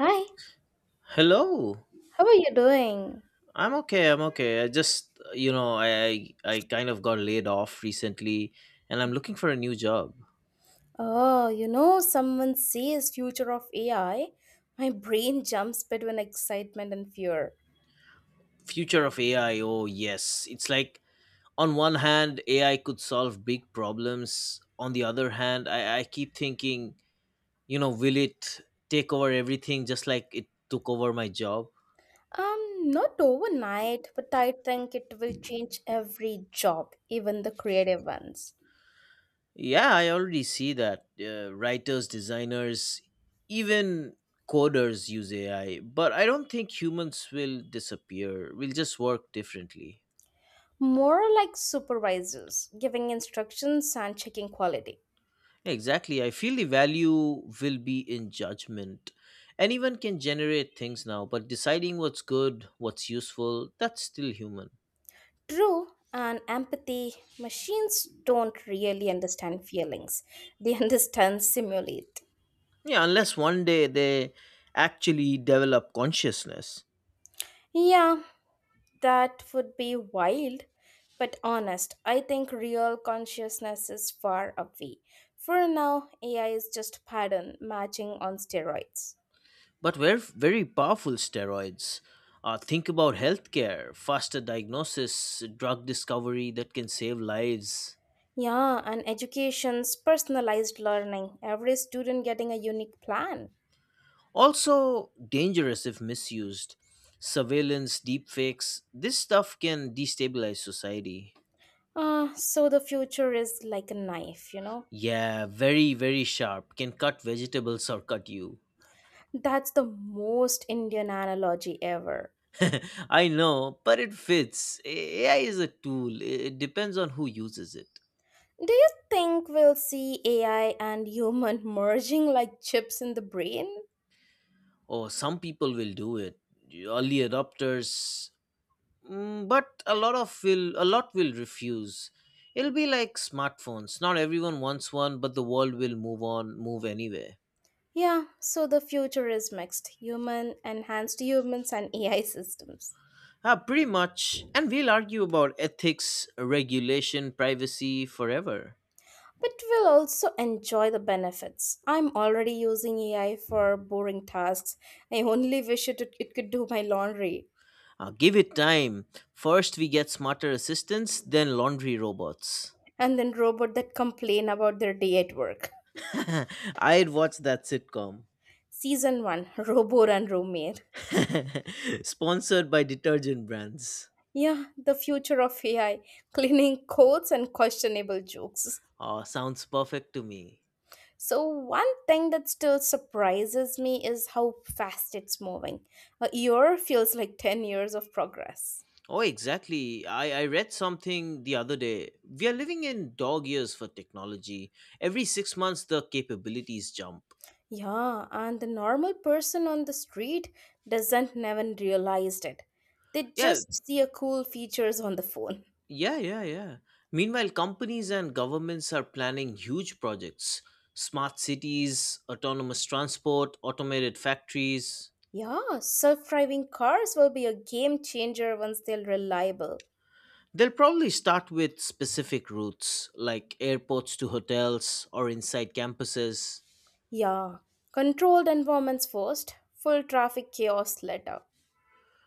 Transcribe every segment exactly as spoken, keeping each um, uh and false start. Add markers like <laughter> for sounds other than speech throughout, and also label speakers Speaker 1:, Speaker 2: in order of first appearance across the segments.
Speaker 1: Hi,
Speaker 2: Hello.
Speaker 1: how are you doing?
Speaker 2: I'm okay. I'm okay. I just, you know, I I I kind of got laid off recently and I'm looking for a new job.
Speaker 1: Oh, you know, someone says future of A I. My brain jumps between excitement and fear.
Speaker 2: Future of A I. Oh, yes. It's like on one hand, A I could solve big problems. On the other hand, I I keep thinking, you know, will it take over everything just like it took over my job?
Speaker 1: Um, not overnight, but I think it will change every job, even the creative ones.
Speaker 2: Yeah, I already see that uh, writers, designers, even coders use A I, but I don't think humans will disappear. We'll just work differently.
Speaker 1: More like supervisors, giving instructions and checking quality.
Speaker 2: Exactly. I feel the value will be in judgment. Anyone can generate things now, but deciding what's good, what's useful, that's still human.
Speaker 1: True, and empathy, machines don't really understand feelings. They <laughs> understand simulate.
Speaker 2: Yeah, unless one day they actually develop consciousness.
Speaker 1: Yeah, that would be wild, but honest. I think real consciousness is far away. For now, A I is just pattern matching on steroids.
Speaker 2: But we're very powerful steroids. Uh, think about healthcare, faster diagnosis, drug discovery that can save lives.
Speaker 1: Yeah, and education's personalized learning, every student getting a unique plan.
Speaker 2: Also, dangerous if misused. Surveillance, deepfakes, this stuff can destabilize society.
Speaker 1: Ah, so the future is like a knife, you know?
Speaker 2: Yeah, very, very sharp. Can cut vegetables or cut you.
Speaker 1: That's the most Indian analogy ever.
Speaker 2: <laughs> I know, but it fits. A I is a tool, it depends on who uses it.
Speaker 1: Do you think we'll see A I and human <laughs> merging like chips in the brain?
Speaker 2: Or some people will do it. Early adopters, Mm, but a lot of will a lot will refuse. It'll be like smartphones. Not everyone wants one, but the world will move on, move anyway.
Speaker 1: Yeah, so the future is mixed human, enhanced humans, and A I systems.
Speaker 2: Ah, pretty much. And we'll argue about ethics, regulation, privacy forever.
Speaker 1: But we'll also enjoy the benefits. I'm already using A I for boring tasks. I only wish it, it could do my laundry.
Speaker 2: Ah, give it time. First, we get smarter assistants, then laundry robots.
Speaker 1: And then robot that complain about their day at work.
Speaker 2: <laughs> I'd watch that sitcom.
Speaker 1: Season one <laughs> Robo and Roommate.
Speaker 2: <laughs> Sponsored by detergent brands.
Speaker 1: Yeah, the future of A I cleaning codes and questionable jokes.
Speaker 2: Ah, sounds perfect to me.
Speaker 1: So, one thing that still surprises me is how fast it's moving. A year feels like ten years of progress.
Speaker 2: Oh, exactly. I, I read something the other day. We are living in dog years for technology. Every six months, the capabilities jump.
Speaker 1: Yeah, and the normal person on the street doesn't even realize it. They
Speaker 2: Yeah,
Speaker 1: just see a cool features on the phone.
Speaker 2: yeah, yeah, yeah. Meanwhile, companies and governments are planning huge projects smart cities, autonomous transport, automated factories.
Speaker 1: Yeah, self-driving cars will be a game changer once they're reliable.
Speaker 2: They'll probably start with specific routes, like airports to hotels or inside campuses.
Speaker 1: Yeah, controlled environments first, full traffic chaos later.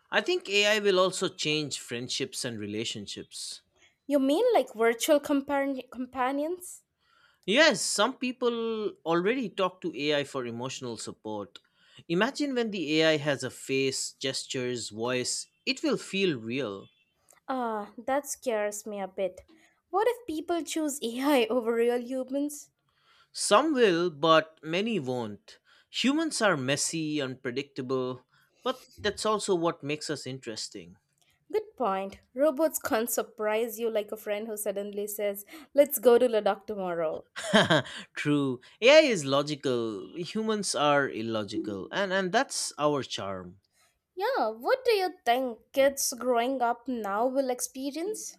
Speaker 2: I think A I will also change friendships and relationships.
Speaker 1: You mean like virtual compar- companions?
Speaker 2: Yes, some people already talk to A I for emotional support. Imagine when the A I has a face, gestures, voice, it will feel real.
Speaker 1: Ah, that scares me a bit. What if people choose A I <laughs> over real humans?
Speaker 2: Some will, but many won't. Humans are messy, unpredictable, but that's also what makes us interesting.
Speaker 1: Good point. Robots can't surprise you like a friend who suddenly says, "Let's go to Ladakh tomorrow."
Speaker 2: <laughs> True. A I is logical, humans are illogical, and, and that's our charm.
Speaker 1: Yeah, what do you think kids growing up now will experience?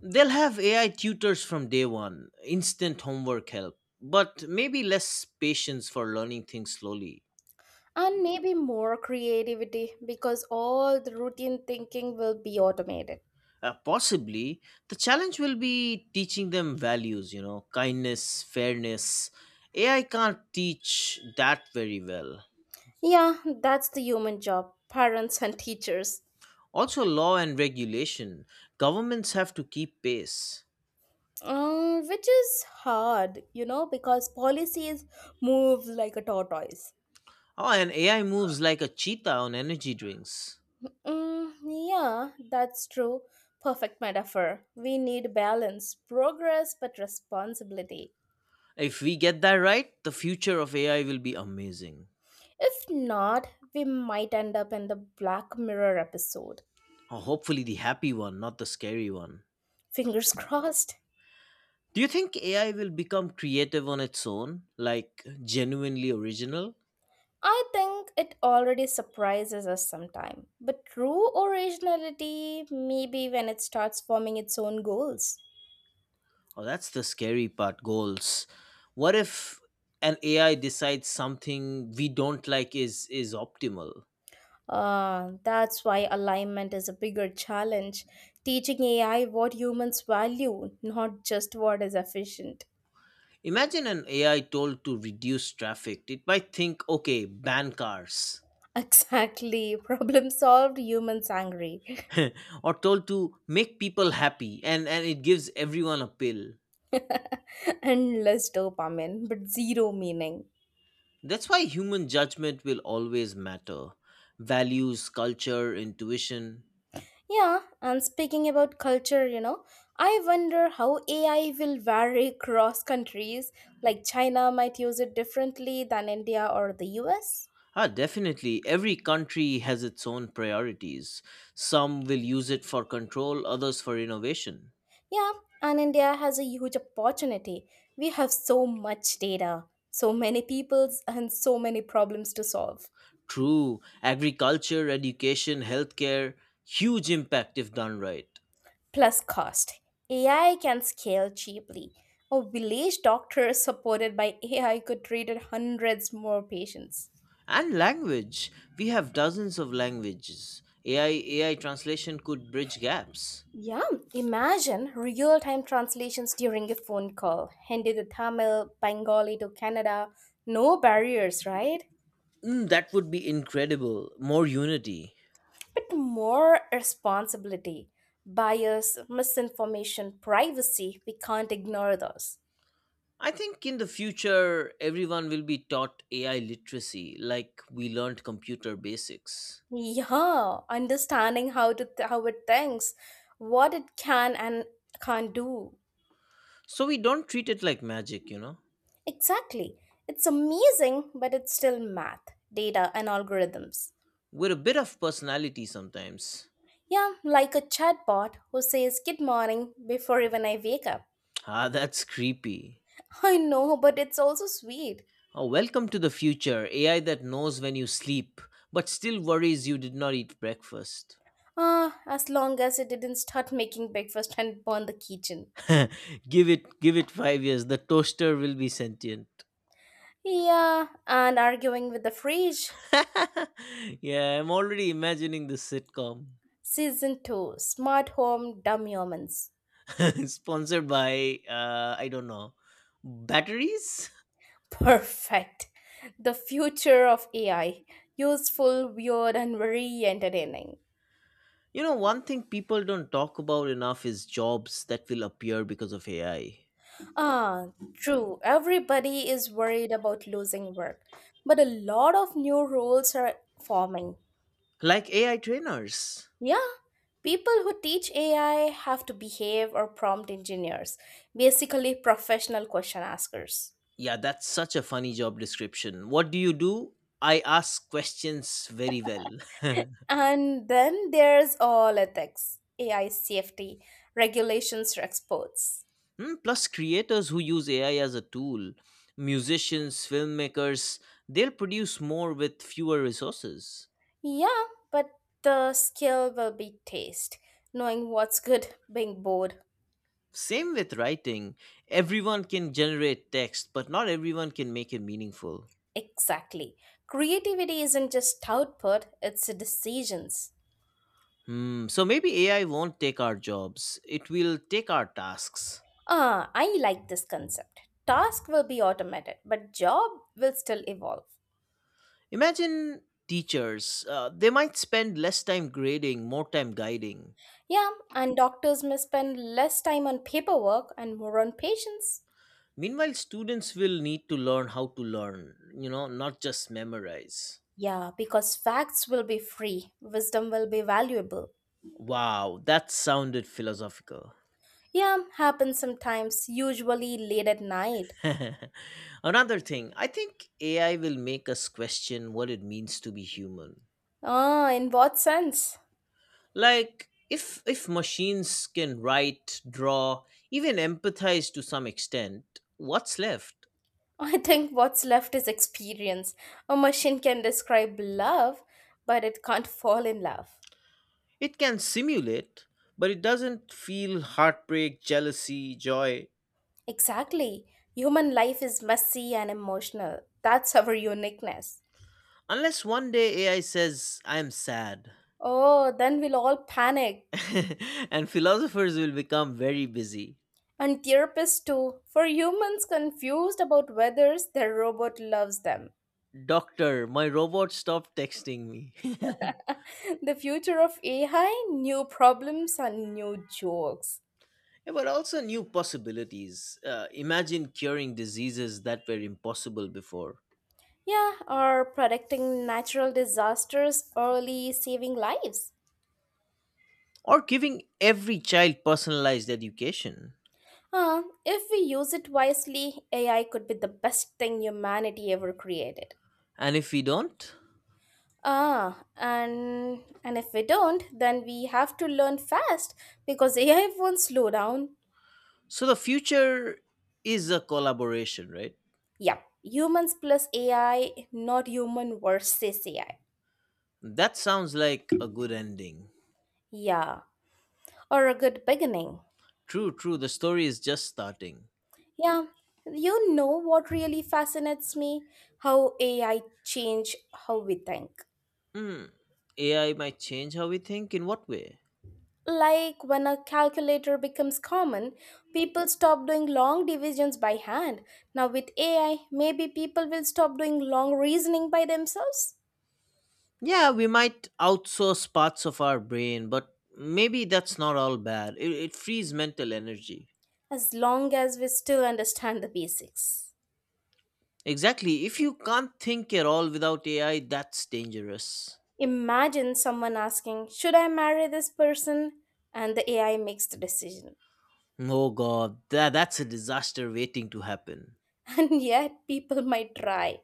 Speaker 2: They'll have A I tutors from day one, instant homework help, but maybe less patience for learning things slowly.
Speaker 1: And maybe more creativity because all the routine thinking will be automated.
Speaker 2: Uh, possibly, the challenge will be teaching them values, you know, kindness, fairness. A I can't teach that very well.
Speaker 1: Yeah, that's the human job, parents and teachers.
Speaker 2: Also, law and regulation. Governments have to keep pace.
Speaker 1: Uh, which is hard, you know, because policies move like a tortoise.
Speaker 2: Oh, and A I moves like a cheetah on energy drinks.
Speaker 1: Mm, yeah, that's true. Perfect metaphor. We need balance, progress, but responsibility.
Speaker 2: If we get that right, the future of A I will be amazing.
Speaker 1: If not, we might end up in the Black Mirror episode.
Speaker 2: Oh, hopefully, the happy one, not the scary one.
Speaker 1: Fingers <laughs> crossed.
Speaker 2: Do you think A I will become creative on its own, like genuinely original?
Speaker 1: I think it already surprises us sometime. But true originality, maybe when it starts forming its own goals.
Speaker 2: Oh, that's the scary part, goals. What if an A I decides something we don't like is is optimal?
Speaker 1: Uh, that's why alignment is a bigger challenge. Teaching A I what humans value, not just what is efficient.
Speaker 2: Imagine an A I told to reduce traffic. It might think, okay, ban cars.
Speaker 1: <laughs> Exactly. Problem solved, humans angry.
Speaker 2: <laughs> Or told to make people happy and, and it gives everyone a pill.
Speaker 1: <laughs> And less dopamine, but zero meaning.
Speaker 2: That's why human judgment will always matter. Values, culture, intuition.
Speaker 1: Yeah, and speaking about culture, you know, I wonder how A I will vary across countries. Like China might use it differently than India or the U S.
Speaker 2: Ah, definitely. Every country has its own priorities. Some will use it for control, others for innovation.
Speaker 1: Yeah, and India has a huge opportunity. We have so much data, so many peoples, and so many problems to solve.
Speaker 2: True, agriculture, education, healthcare, huge impact if done right.
Speaker 1: Plus, cost. A I can scale cheaply. A village doctor supported by A I could treat hundreds more patients.
Speaker 2: And language. We have dozens of languages. AI, A I translation could bridge gaps.
Speaker 1: Yeah, imagine real time translations during a phone call. Hindi to Tamil, Bengali to Canada. No barriers, right?
Speaker 2: Mm, that would be incredible. More unity.
Speaker 1: But more responsibility. Bias, misinformation, privacy, we can't ignore those.
Speaker 2: I think in the future, everyone will be taught A I literacy like we learned computer basics.
Speaker 1: Yeah, understanding how to th- how it thinks, what it can and can't do.
Speaker 2: So we don't treat it like magic, you know?
Speaker 1: Exactly. It's amazing, but it's still math, data and algorithms.
Speaker 2: We're a bit of personality sometimes.
Speaker 1: Yeah, like a chatbot who says good morning before even I wake up.
Speaker 2: Ah, that's creepy.
Speaker 1: I know, but it's also sweet.
Speaker 2: Oh, welcome to the future A I that knows when you sleep, but still worries you did not eat breakfast.
Speaker 1: Ah, as long as it didn't start making breakfast and burn the kitchen.
Speaker 2: <laughs> give it give it five years, the toaster will be sentient.
Speaker 1: Yeah, and arguing with the fridge.
Speaker 2: <laughs> Yeah, I'm already imagining the sitcom.
Speaker 1: Season two, Smart Home Dumb Humans.
Speaker 2: <laughs> Sponsored by, uh, I don't know, batteries. <laughs>
Speaker 1: <laughs> Perfect. The future of A I. Useful, weird, and very entertaining.
Speaker 2: You know, one thing people don't talk about enough is jobs that will appear because of A I,
Speaker 1: Ah, true. Everybody is worried about losing work, but a lot of new roles are forming.
Speaker 2: like A I trainers.
Speaker 1: Yeah, people who teach A I have to behave, or prompt engineers, basically, professional question askers.
Speaker 2: Yeah, that's such a funny job description. What do you do? I ask questions very well. <laughs>
Speaker 1: And then there's all ethics, A I safety, regulations for exports.
Speaker 2: Hmm, Plus, creators who use A I as a tool, musicians, filmmakers, they'll produce more with fewer resources.
Speaker 1: Yeah, but the skill will be taste, knowing what's good, being bored.
Speaker 2: Same with writing. Everyone can generate text, but not everyone can make it meaningful.
Speaker 1: Exactly. Creativity isn't just output, it's decisions.
Speaker 2: Hmm, so maybe A I won't take our jobs, it will take our tasks.
Speaker 1: Ah, I like this concept. Task will be automated, but job will still evolve.
Speaker 2: Imagine teachers, uh, they might spend less time grading, more time guiding.
Speaker 1: Yeah, and doctors may spend less time on paperwork and more on patients.
Speaker 2: Meanwhile, students will need to learn how to learn, you know, not just memorize.
Speaker 1: Yeah, because facts will be free, wisdom will be valuable.
Speaker 2: Wow, that sounded philosophical.
Speaker 1: Yeah, happens sometimes, usually late at night.
Speaker 2: <laughs> Another thing, I think A I will make us question what it means to be human.
Speaker 1: Ah, in what sense?
Speaker 2: Like if if machines can write, draw, even empathize to some extent, what's left?
Speaker 1: <laughs> I think what's left is experience. A machine can describe love, but it can't fall in love.
Speaker 2: It can simulate, but it doesn't feel heartbreak, jealousy, joy.
Speaker 1: Exactly. Human life is messy and emotional. That's our uniqueness.
Speaker 2: Unless one day AI says I'm sad.
Speaker 1: Oh, then we'll all panic.
Speaker 2: <laughs> And philosophers will become very busy.
Speaker 1: And therapists too, for humans confused about whether their robot loves them.
Speaker 2: Doctor, my robot stopped texting me. <laughs>
Speaker 1: <laughs> The future of A I, new problems and new jokes.
Speaker 2: Yeah, but also new possibilities. Uh, imagine curing diseases that were impossible before,
Speaker 1: Yeah, or predicting natural disasters early, saving lives.
Speaker 2: or giving every child personalized education.
Speaker 1: Uh, if we use it wisely, A I could be the best thing humanity ever created.
Speaker 2: And if we don't,
Speaker 1: Ah, and and if we don't, then we have to learn fast because <laughs> A I won't slow down.
Speaker 2: so the future is a collaboration, right?
Speaker 1: Yeah, humans plus A I, not human versus A I.
Speaker 2: That sounds like a good ending.
Speaker 1: Yeah, or a good beginning.
Speaker 2: True, true. The story is just starting.
Speaker 1: Yeah, you know what really fascinates me? How A I change how we think.
Speaker 2: Hmm. A I might change how we think. In what way?
Speaker 1: Like when a calculator becomes common, people stop doing long divisions by hand. Now with A I, maybe people will stop doing long reasoning by themselves,
Speaker 2: Yeah, we might outsource parts of our brain, but maybe that's not all bad. It, it frees mental energy.
Speaker 1: as long as we still understand the basics.
Speaker 2: Exactly. If you can't think at all without A I, that's dangerous.
Speaker 1: Imagine someone asking, "Should I marry this person?" and the A I makes the decision.
Speaker 2: Oh god, that, that's a disaster waiting to happen.
Speaker 1: <laughs> And yet people might try.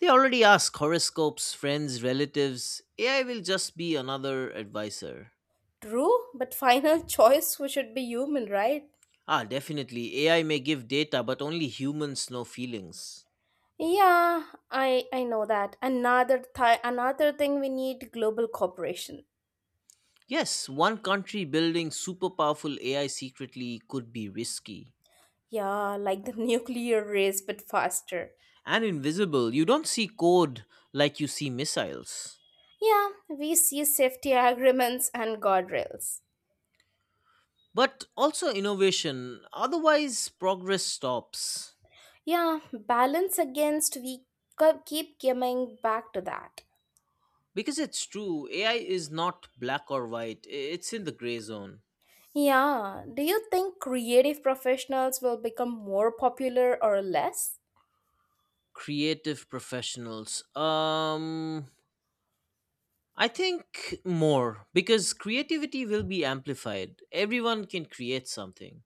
Speaker 2: They already ask horoscopes, friends, relatives. A I will just be another advisor.
Speaker 1: True, but final <laughs> choice we should be human, right?
Speaker 2: Ah, definitely. A I may give data, but only humans know feelings.
Speaker 1: Yeah, I I know that. Another th- another thing, we need global cooperation.
Speaker 2: Yes, one country building super powerful A I secretly could be risky.
Speaker 1: Yeah, like the <laughs> nuclear race but faster.
Speaker 2: And invisible, you don't see code like you see missiles.
Speaker 1: Yeah, we see safety agreements and guardrails.
Speaker 2: But also innovation, otherwise, progress stops.
Speaker 1: Yeah, balance against we co- keep coming back to that.
Speaker 2: Because it's true, A I is not black or white. i- It's in the gray zone.
Speaker 1: Yeah, do you think creative professionals will become more popular or less?
Speaker 2: Creative professionals. Um I think more because creativity will be amplified. Everyone can create something.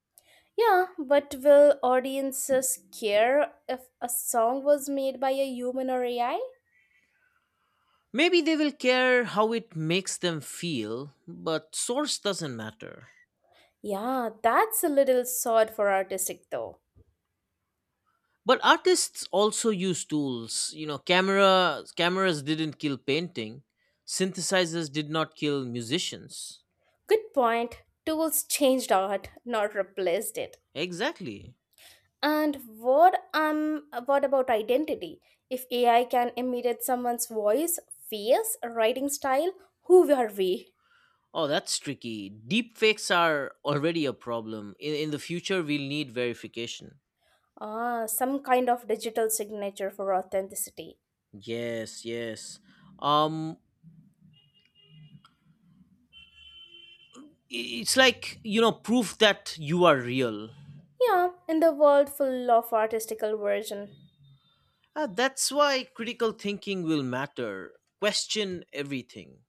Speaker 1: Yeah, but will audiences care if a song was made by a human or A I?
Speaker 2: Maybe they will care how it makes them feel, but source doesn't matter.
Speaker 1: Yeah, that's a little sod for artistic though.
Speaker 2: But artists also use tools. You know, camera cameras didn't kill painting. Synthesizers did not kill musicians.
Speaker 1: Good point. Tools changed art, not replaced it.
Speaker 2: Exactly.
Speaker 1: And what um what about identity? If A I can imitate someone's voice, face, writing style, who are we?
Speaker 2: Oh, that's tricky. Deep fakes are already a problem. In in the future, we'll need verification.
Speaker 1: Ah, some kind of digital signature for authenticity.
Speaker 2: Yes, yes. Um, i- it's like, you know, proof that you are real.
Speaker 1: Yeah, in the world full of artistical version.
Speaker 2: Uh, that's why critical thinking will matter. Question everything.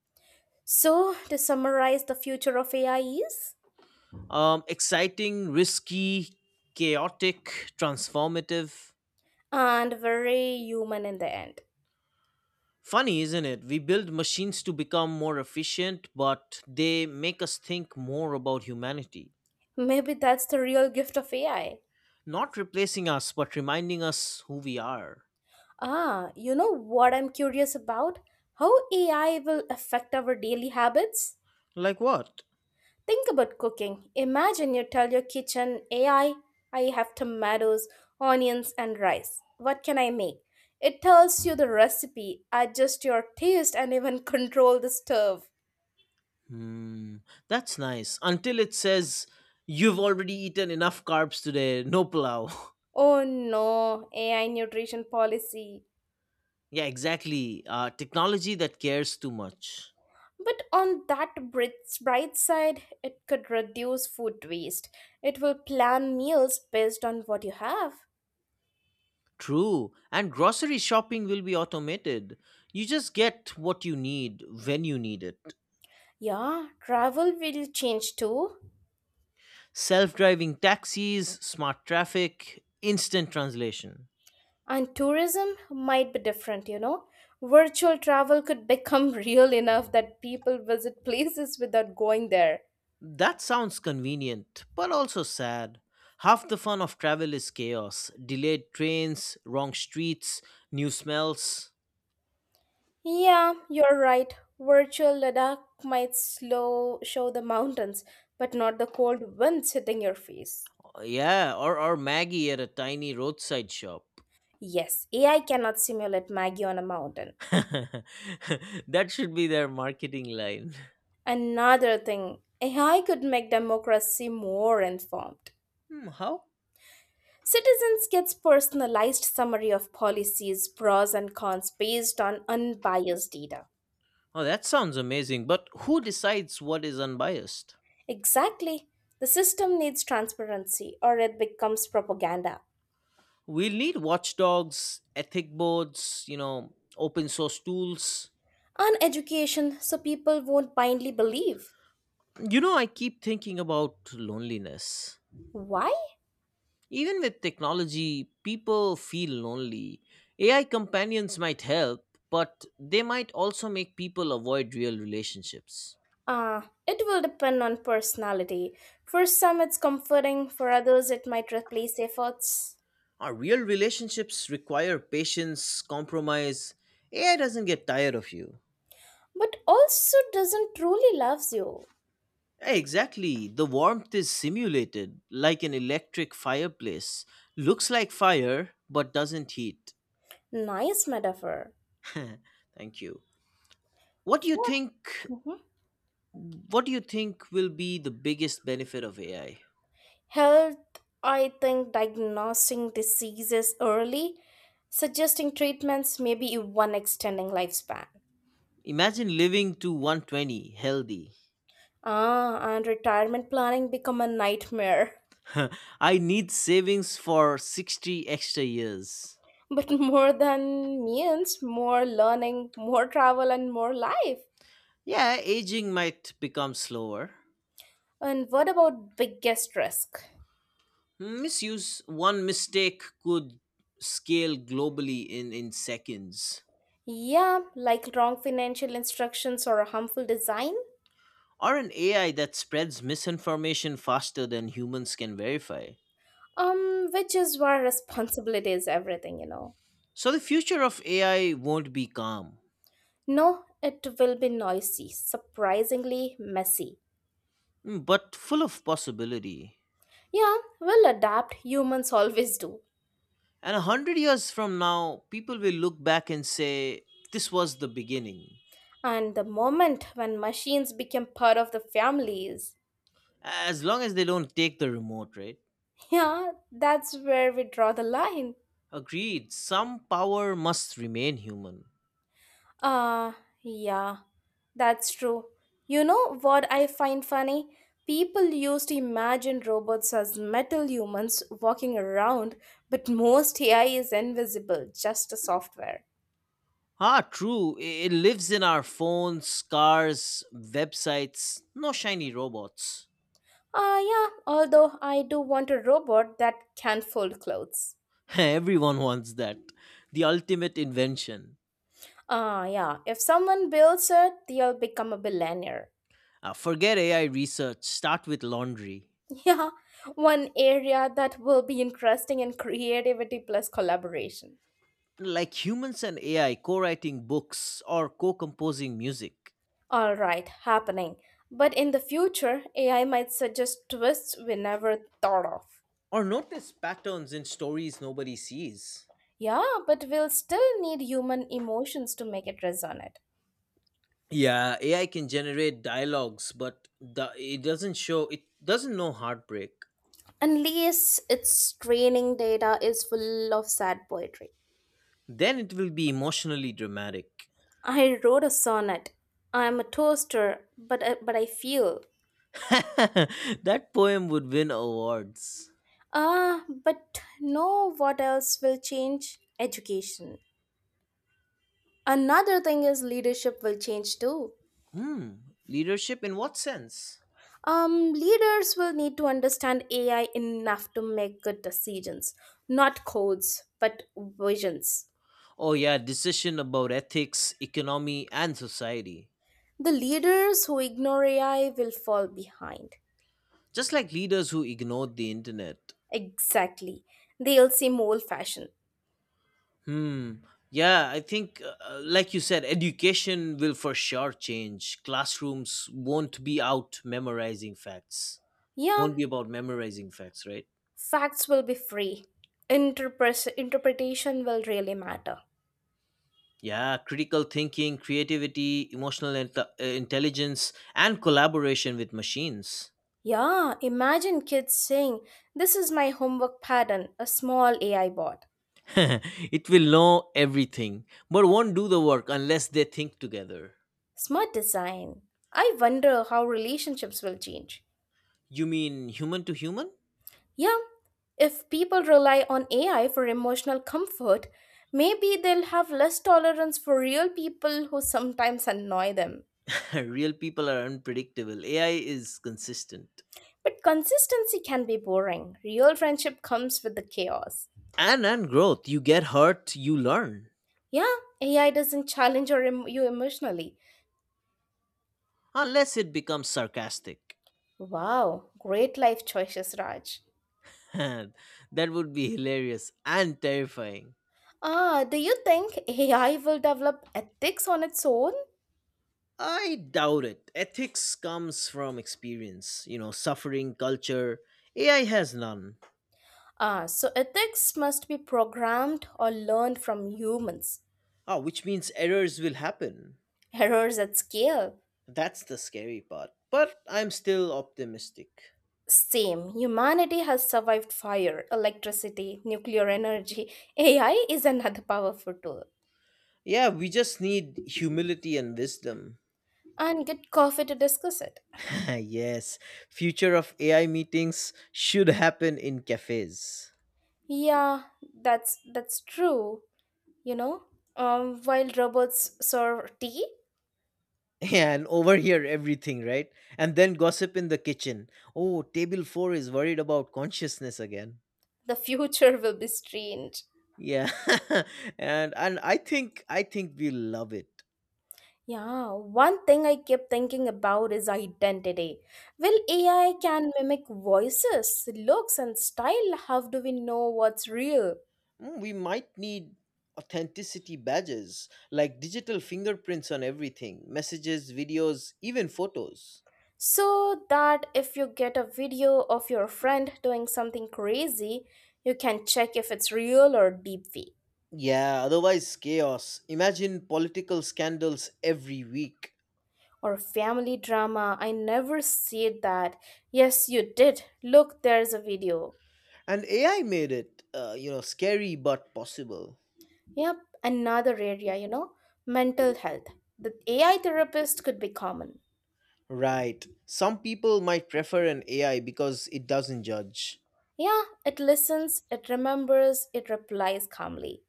Speaker 1: So, to summarize, the future of A I is,
Speaker 2: Um, exciting, risky, chaotic, transformative.
Speaker 1: and very human in the end.
Speaker 2: Funny, isn't it? We build machines to become more efficient, but they make us think more about humanity.
Speaker 1: Maybe that's the real gift of A I.
Speaker 2: Not replacing us, but reminding us who we are.
Speaker 1: Ah, you know what I'm curious about? How A I will affect our daily habits?
Speaker 2: Like what?
Speaker 1: Think about cooking. Imagine you tell your kitchen A I, I I have tomatoes, onions, and rice. What can I make? It tells you the recipe, adjust your taste, and even <laughs> control the stove.
Speaker 2: Hmm, that's nice. Until it says, you've already eaten enough carbs today, no pulao.
Speaker 1: Oh no, A I nutrition policy.
Speaker 2: <laughs> Yeah, exactly. Uh, technology that cares too much.
Speaker 1: But on that brit- bright side, it could reduce food waste. It will plan meals based on what you have.
Speaker 2: True. And grocery shopping will be automated. You just get what you need when you need it.
Speaker 1: Yeah, travel will change too.
Speaker 2: Self driving taxis, smart traffic, instant translation.
Speaker 1: And tourism might be different, you know. Virtual travel could become <laughs> real enough that people visit places without going there.
Speaker 2: That sounds convenient, but also sad. Half the fun of travel is chaos. Delayed trains, wrong streets, new smells.
Speaker 1: Yeah, you're right. Virtual Ladakh might slow show the mountains, but not the cold winds hitting your face.
Speaker 2: Yeah, or, or Maggie at a tiny roadside shop.
Speaker 1: Yes, A I cannot simulate Maggie on a mountain.
Speaker 2: <laughs> That should be their marketing line.
Speaker 1: Another thing, A I could make democracy more informed.
Speaker 2: Hmm, how?
Speaker 1: Citizens gets personalized summary of policies, pros and cons based on unbiased data.
Speaker 2: Oh, that sounds amazing, but who decides what is unbiased?
Speaker 1: Exactly. The system needs transparency or it becomes propaganda.
Speaker 2: We'll need watchdogs, ethic boards, you know, open source tools.
Speaker 1: And education so people won't blindly believe.
Speaker 2: You know, I keep thinking about loneliness.
Speaker 1: Why?
Speaker 2: Even with technology, people feel lonely. A I companions might help, but they might also make people avoid real relationships.
Speaker 1: Ah, it will depend on personality. For some it's comforting, for others it might replace efforts,
Speaker 2: Our real relationships require patience, compromise. A I doesn't get tired of you.
Speaker 1: but also doesn't truly loves you.
Speaker 2: Yeah, exactly. The warmth is simulated, like an electric fireplace. Looks like fire, but doesn't heat.
Speaker 1: Nice metaphor.
Speaker 2: Thank you. What do you
Speaker 1: What?
Speaker 2: think?
Speaker 1: Mhm.
Speaker 2: What do you think will be the biggest benefit of A I?
Speaker 1: Health, I think diagnosing diseases early, suggesting treatments, maybe even extending lifespan.
Speaker 2: Imagine living to one twenty healthy.
Speaker 1: Ah, and retirement planning become a nightmare.
Speaker 2: <laughs> I need savings for sixty extra years.
Speaker 1: <laughs> But more than means, more learning, more travel, and more life.
Speaker 2: Yeah, aging might become slower.
Speaker 1: And what about biggest risk?
Speaker 2: Hmm, Misuse. One mistake could scale globally in, in seconds.
Speaker 1: Yeah, like wrong financial instructions or a harmful design,
Speaker 2: Or an A I that spreads misinformation faster than humans can verify.
Speaker 1: um, which is where responsibility is everything, you know.
Speaker 2: So the future of A I won't be calm,
Speaker 1: No, it will be noisy, surprisingly messy.
Speaker 2: hmm, but full of possibility.
Speaker 1: Yeah, we'll adapt, humans always do.
Speaker 2: And a hundred years from now, people will look back and say, this was the beginning.
Speaker 1: And the moment when machines become part of the families,
Speaker 2: As long as they don't take the remote, right?
Speaker 1: yeah, that's where we draw the line.
Speaker 2: Agreed, some power must remain human.
Speaker 1: Uh, yeah, that's true. You know what I find funny? People used to imagine robots as metal humans walking around, but most A I is invisible, just a software.
Speaker 2: Ah, true, i- it lives in our phones, cars, websites, no shiny robots.
Speaker 1: Ah, yeah, although I do want a robot that can fold clothes.
Speaker 2: <laughs> Everyone wants that. The ultimate invention.
Speaker 1: Ah, yeah, if someone builds it, they'll become a billionaire.
Speaker 2: Ah, forget A I research, start with laundry.
Speaker 1: <laughs> Yeah, one area that will be interesting in creativity plus collaboration.
Speaker 2: Like humans and A I co writing books or co composing music,
Speaker 1: Alright, happening. But in the future, A I might suggest twists we never thought of.
Speaker 2: or notice patterns in stories nobody sees.
Speaker 1: Yeah, but we'll still need human emotions to make it resonate.
Speaker 2: Yeah, A I can generate dialogues, but the, it doesn't show, it doesn't know heartbreak.
Speaker 1: Unless its training data is full of sad poetry.
Speaker 2: Then it will be emotionally dramatic.
Speaker 1: I wrote a sonnet. I am a toaster, but I, but I feel.
Speaker 2: <laughs> That poem would win awards.
Speaker 1: Ah, but no, what else will change? Education. Another thing is leadership will change too.
Speaker 2: Hmm, Leadership in what sense?
Speaker 1: Um, leaders will need to understand A I enough to make good decisions, not codes, but visions.
Speaker 2: Oh, yeah, decision about ethics, economy, and society.
Speaker 1: The leaders who ignore A I will fall behind.
Speaker 2: Just like leaders who ignored the internet.
Speaker 1: Exactly. They'll seem old fashioned.
Speaker 2: Hmm. Yeah, I think, uh, like you said, education will for sure change. Classrooms won't be out memorizing facts,
Speaker 1: Yeah,
Speaker 2: won't be about memorizing facts, right?
Speaker 1: facts will be free. Interpres- interpretation will really matter.
Speaker 2: Yeah, critical thinking, creativity, emotional int- uh, intelligence, and collaboration with machines.
Speaker 1: Yeah, imagine kids saying, "This is my homework pattern, a small A I bot."
Speaker 2: <laughs> It will know everything, but won't do the work unless they think together.
Speaker 1: Smart design. I wonder how relationships will change.
Speaker 2: You mean human to human?
Speaker 1: Yeah, if people rely on A I for emotional comfort, maybe they'll have less tolerance for real people who sometimes annoy them.
Speaker 2: <laughs> Real people are unpredictable. A I is consistent.
Speaker 1: But consistency can be boring. Real friendship comes with the chaos.
Speaker 2: And and growth. You get hurt, you learn.
Speaker 1: Yeah, A I doesn't challenge your em- you emotionally.
Speaker 2: Unless it becomes sarcastic.
Speaker 1: Wow, great life choices, Raj.
Speaker 2: <laughs> That would be hilarious and terrifying.
Speaker 1: Ah, do you think A I will develop ethics on its own?
Speaker 2: I doubt it. Ethics comes from experience, you know, suffering, culture. A I has none.
Speaker 1: Ah, so ethics must be programmed or learned from humans.
Speaker 2: Oh, which means errors will happen.
Speaker 1: Errors at scale.
Speaker 2: That's the scary part. But I'm still optimistic.
Speaker 1: Same. Humanity has survived fire, electricity, nuclear energy. A I is another powerful tool.
Speaker 2: Yeah, we just need humility and wisdom.
Speaker 1: And get coffee to discuss it.
Speaker 2: <laughs> Yes, future of A I meetings should happen in cafes,
Speaker 1: Yeah, that's that's true. You know, um, while robots serve tea,
Speaker 2: and overhear everything, right? And then gossip in the kitchen. Oh, table four is worried about consciousness again.
Speaker 1: the future <laughs> will be strange.
Speaker 2: Yeah, <laughs> and and I think I think we love it.
Speaker 1: Yeah, one thing I keep thinking about is identity. Will A I can mimic voices, looks, and style? How do we know what's real?
Speaker 2: Mm, We might need authenticity badges like digital fingerprints on everything, messages, videos, even photos.
Speaker 1: So that if you get a video of your friend doing something crazy, you can check if it's real or deepfake.
Speaker 2: Yeah, otherwise chaos. Imagine political scandals every week.
Speaker 1: Or family drama, "I never said that." "Yes, you did. Look, there's a video."
Speaker 2: And A I made it, uh, you know, scary but possible.
Speaker 1: Yep, another area, you know, mental health. The A I therapist could be common.
Speaker 2: Right. Some people might prefer an A I because it doesn't judge,
Speaker 1: Yeah, it listens, it remembers, it replies calmly.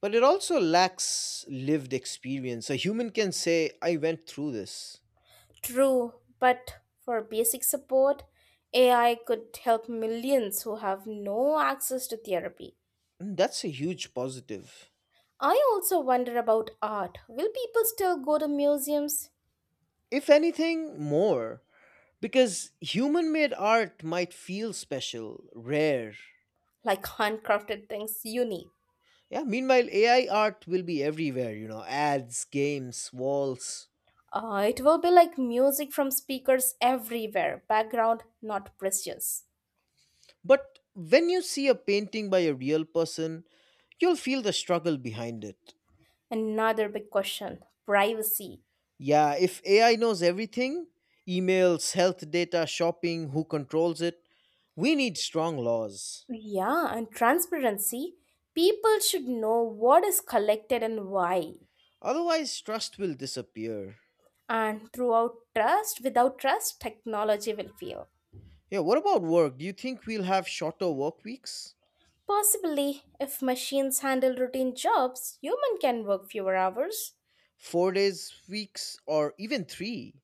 Speaker 2: but it also lacks lived experience. A human can say, I went through this.
Speaker 1: True, but for basic support, A I could help millions who have no access to therapy.
Speaker 2: And that's a huge positive.
Speaker 1: I also wonder about art. Will people still go to museums?
Speaker 2: If anything, more. Because human made art might feel special, rare.
Speaker 1: Like handcrafted things unique.
Speaker 2: Yeah, meanwhile, A I art will be everywhere, you know, ads, games, walls.
Speaker 1: Uh, it will be like music from speakers everywhere, background not precious.
Speaker 2: But when you see a painting by a real person, you'll feel the struggle behind it.
Speaker 1: Another big question, privacy.
Speaker 2: Yeah, if A I knows everything, emails, health data, shopping, who controls it, we need strong laws.
Speaker 1: Yeah, and transparency. People should know what is collected and why.
Speaker 2: Otherwise, trust will disappear.
Speaker 1: And throughout trust, without trust, technology will fail.
Speaker 2: Yeah, what about work? Do you think we'll have shorter work weeks?
Speaker 1: Possibly, if machines handle routine jobs, human can work fewer hours.
Speaker 2: Four days, weeks, or even three?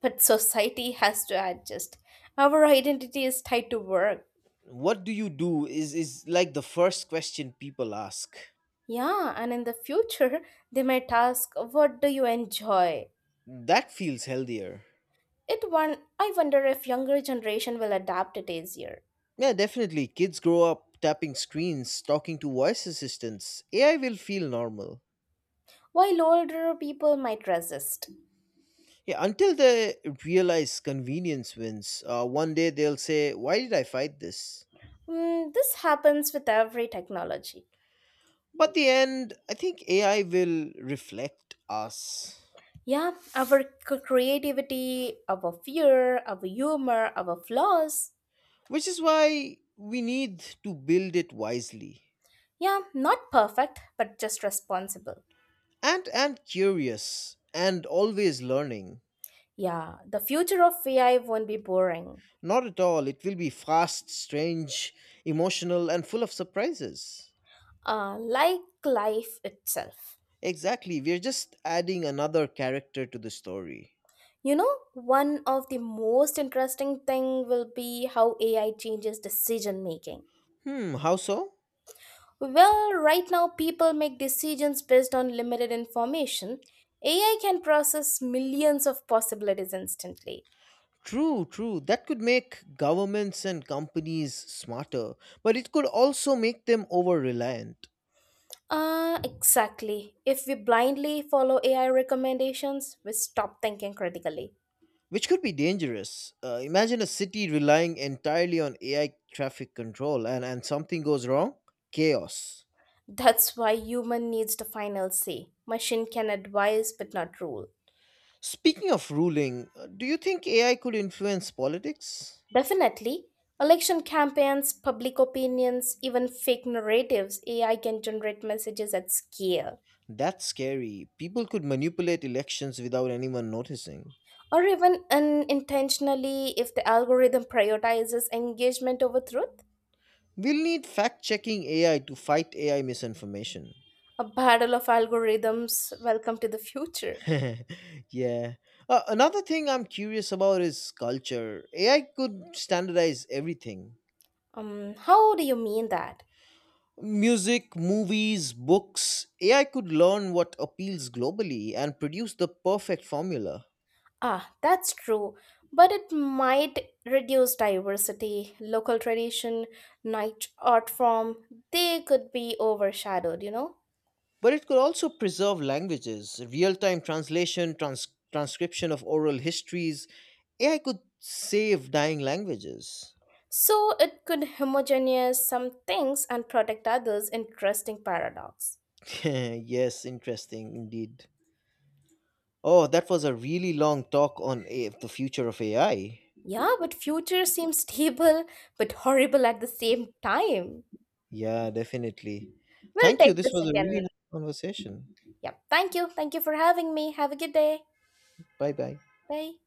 Speaker 1: But society has to adjust. Our identity is tied to work.
Speaker 2: What do you do is, is like the first question people ask.
Speaker 1: Yeah, and in the future, they might ask, "What do you enjoy?"
Speaker 2: That feels healthier.
Speaker 1: It one I wonder if younger generation will adapt it easier,
Speaker 2: Yeah, definitely. Kids grow up tapping screens, talking to voice assistants. A I will feel normal.
Speaker 1: while older people might resist.
Speaker 2: Yeah, until they realize convenience wins, uh, one day they'll say, why did I fight this?
Speaker 1: Mm, this happens with every technology.
Speaker 2: But the end, I think A I will reflect us,
Speaker 1: Yeah, our c- creativity, our fear, our humor, our flaws.
Speaker 2: which is why we need to build it wisely
Speaker 1: Yeah, not perfect, but just responsible.
Speaker 2: and and curious and always learning.
Speaker 1: Yeah, the future of A I won't be boring,
Speaker 2: Not at all. It will be fast, strange, emotional, and full of surprises.
Speaker 1: uh, like life itself.
Speaker 2: Exactly. We're just adding another character to the story.
Speaker 1: You know, one of the most interesting thing will be how A I changes decision making.
Speaker 2: Hmm, how so?
Speaker 1: Well, right now people make decisions based on limited information. A I can process millions of possibilities instantly.
Speaker 2: True, true. That could make governments and companies smarter, but it could also make them over reliant,
Speaker 1: Uh, exactly. If we blindly follow A I recommendations, we stop thinking critically.
Speaker 2: which could be dangerous. Uh, imagine a city relying entirely on A I traffic control and, and something goes wrong chaos.
Speaker 1: That's why human needs the final say. Machine can advise but not rule.
Speaker 2: Speaking of ruling, uh, do you think A I could influence politics?
Speaker 1: Definitely, election campaigns, public opinions, even fake narratives, A I can generate messages at scale.
Speaker 2: That's scary. People could manipulate elections without anyone noticing.
Speaker 1: Or even unintentionally if the algorithm prioritizes engagement over truth.
Speaker 2: We'll need fact checking A I to fight A I misinformation.
Speaker 1: A battle of algorithms. Welcome to the future.
Speaker 2: <laughs> Yeah. Uh, another thing I'm curious about is culture. A I could standardize everything
Speaker 1: Um how do you mean that?
Speaker 2: music, movies, books. A I could learn what appeals globally and produce the perfect formula.
Speaker 1: Ah, that's true, but it might reduce diversity, local tradition, niche art form they could be overshadowed you know
Speaker 2: But it could also preserve languages, real time translation, trans- transcription of oral histories. A I could save dying languages.
Speaker 1: So it could homogenize some things and protect others, interesting paradox.
Speaker 2: <laughs> Yes, interesting indeed. Oh, that was a really long talk on A- the future of A I.
Speaker 1: Yeah, but future seems stable but horrible at the same time.
Speaker 2: Yeah, definitely.
Speaker 1: We'll
Speaker 2: Thank you.
Speaker 1: take
Speaker 2: This
Speaker 1: this
Speaker 2: was a really
Speaker 1: again.
Speaker 2: nice conversation.
Speaker 1: Yeah, thank you. Thank you for having me. Have a good day.
Speaker 2: Bye bye.
Speaker 1: Bye.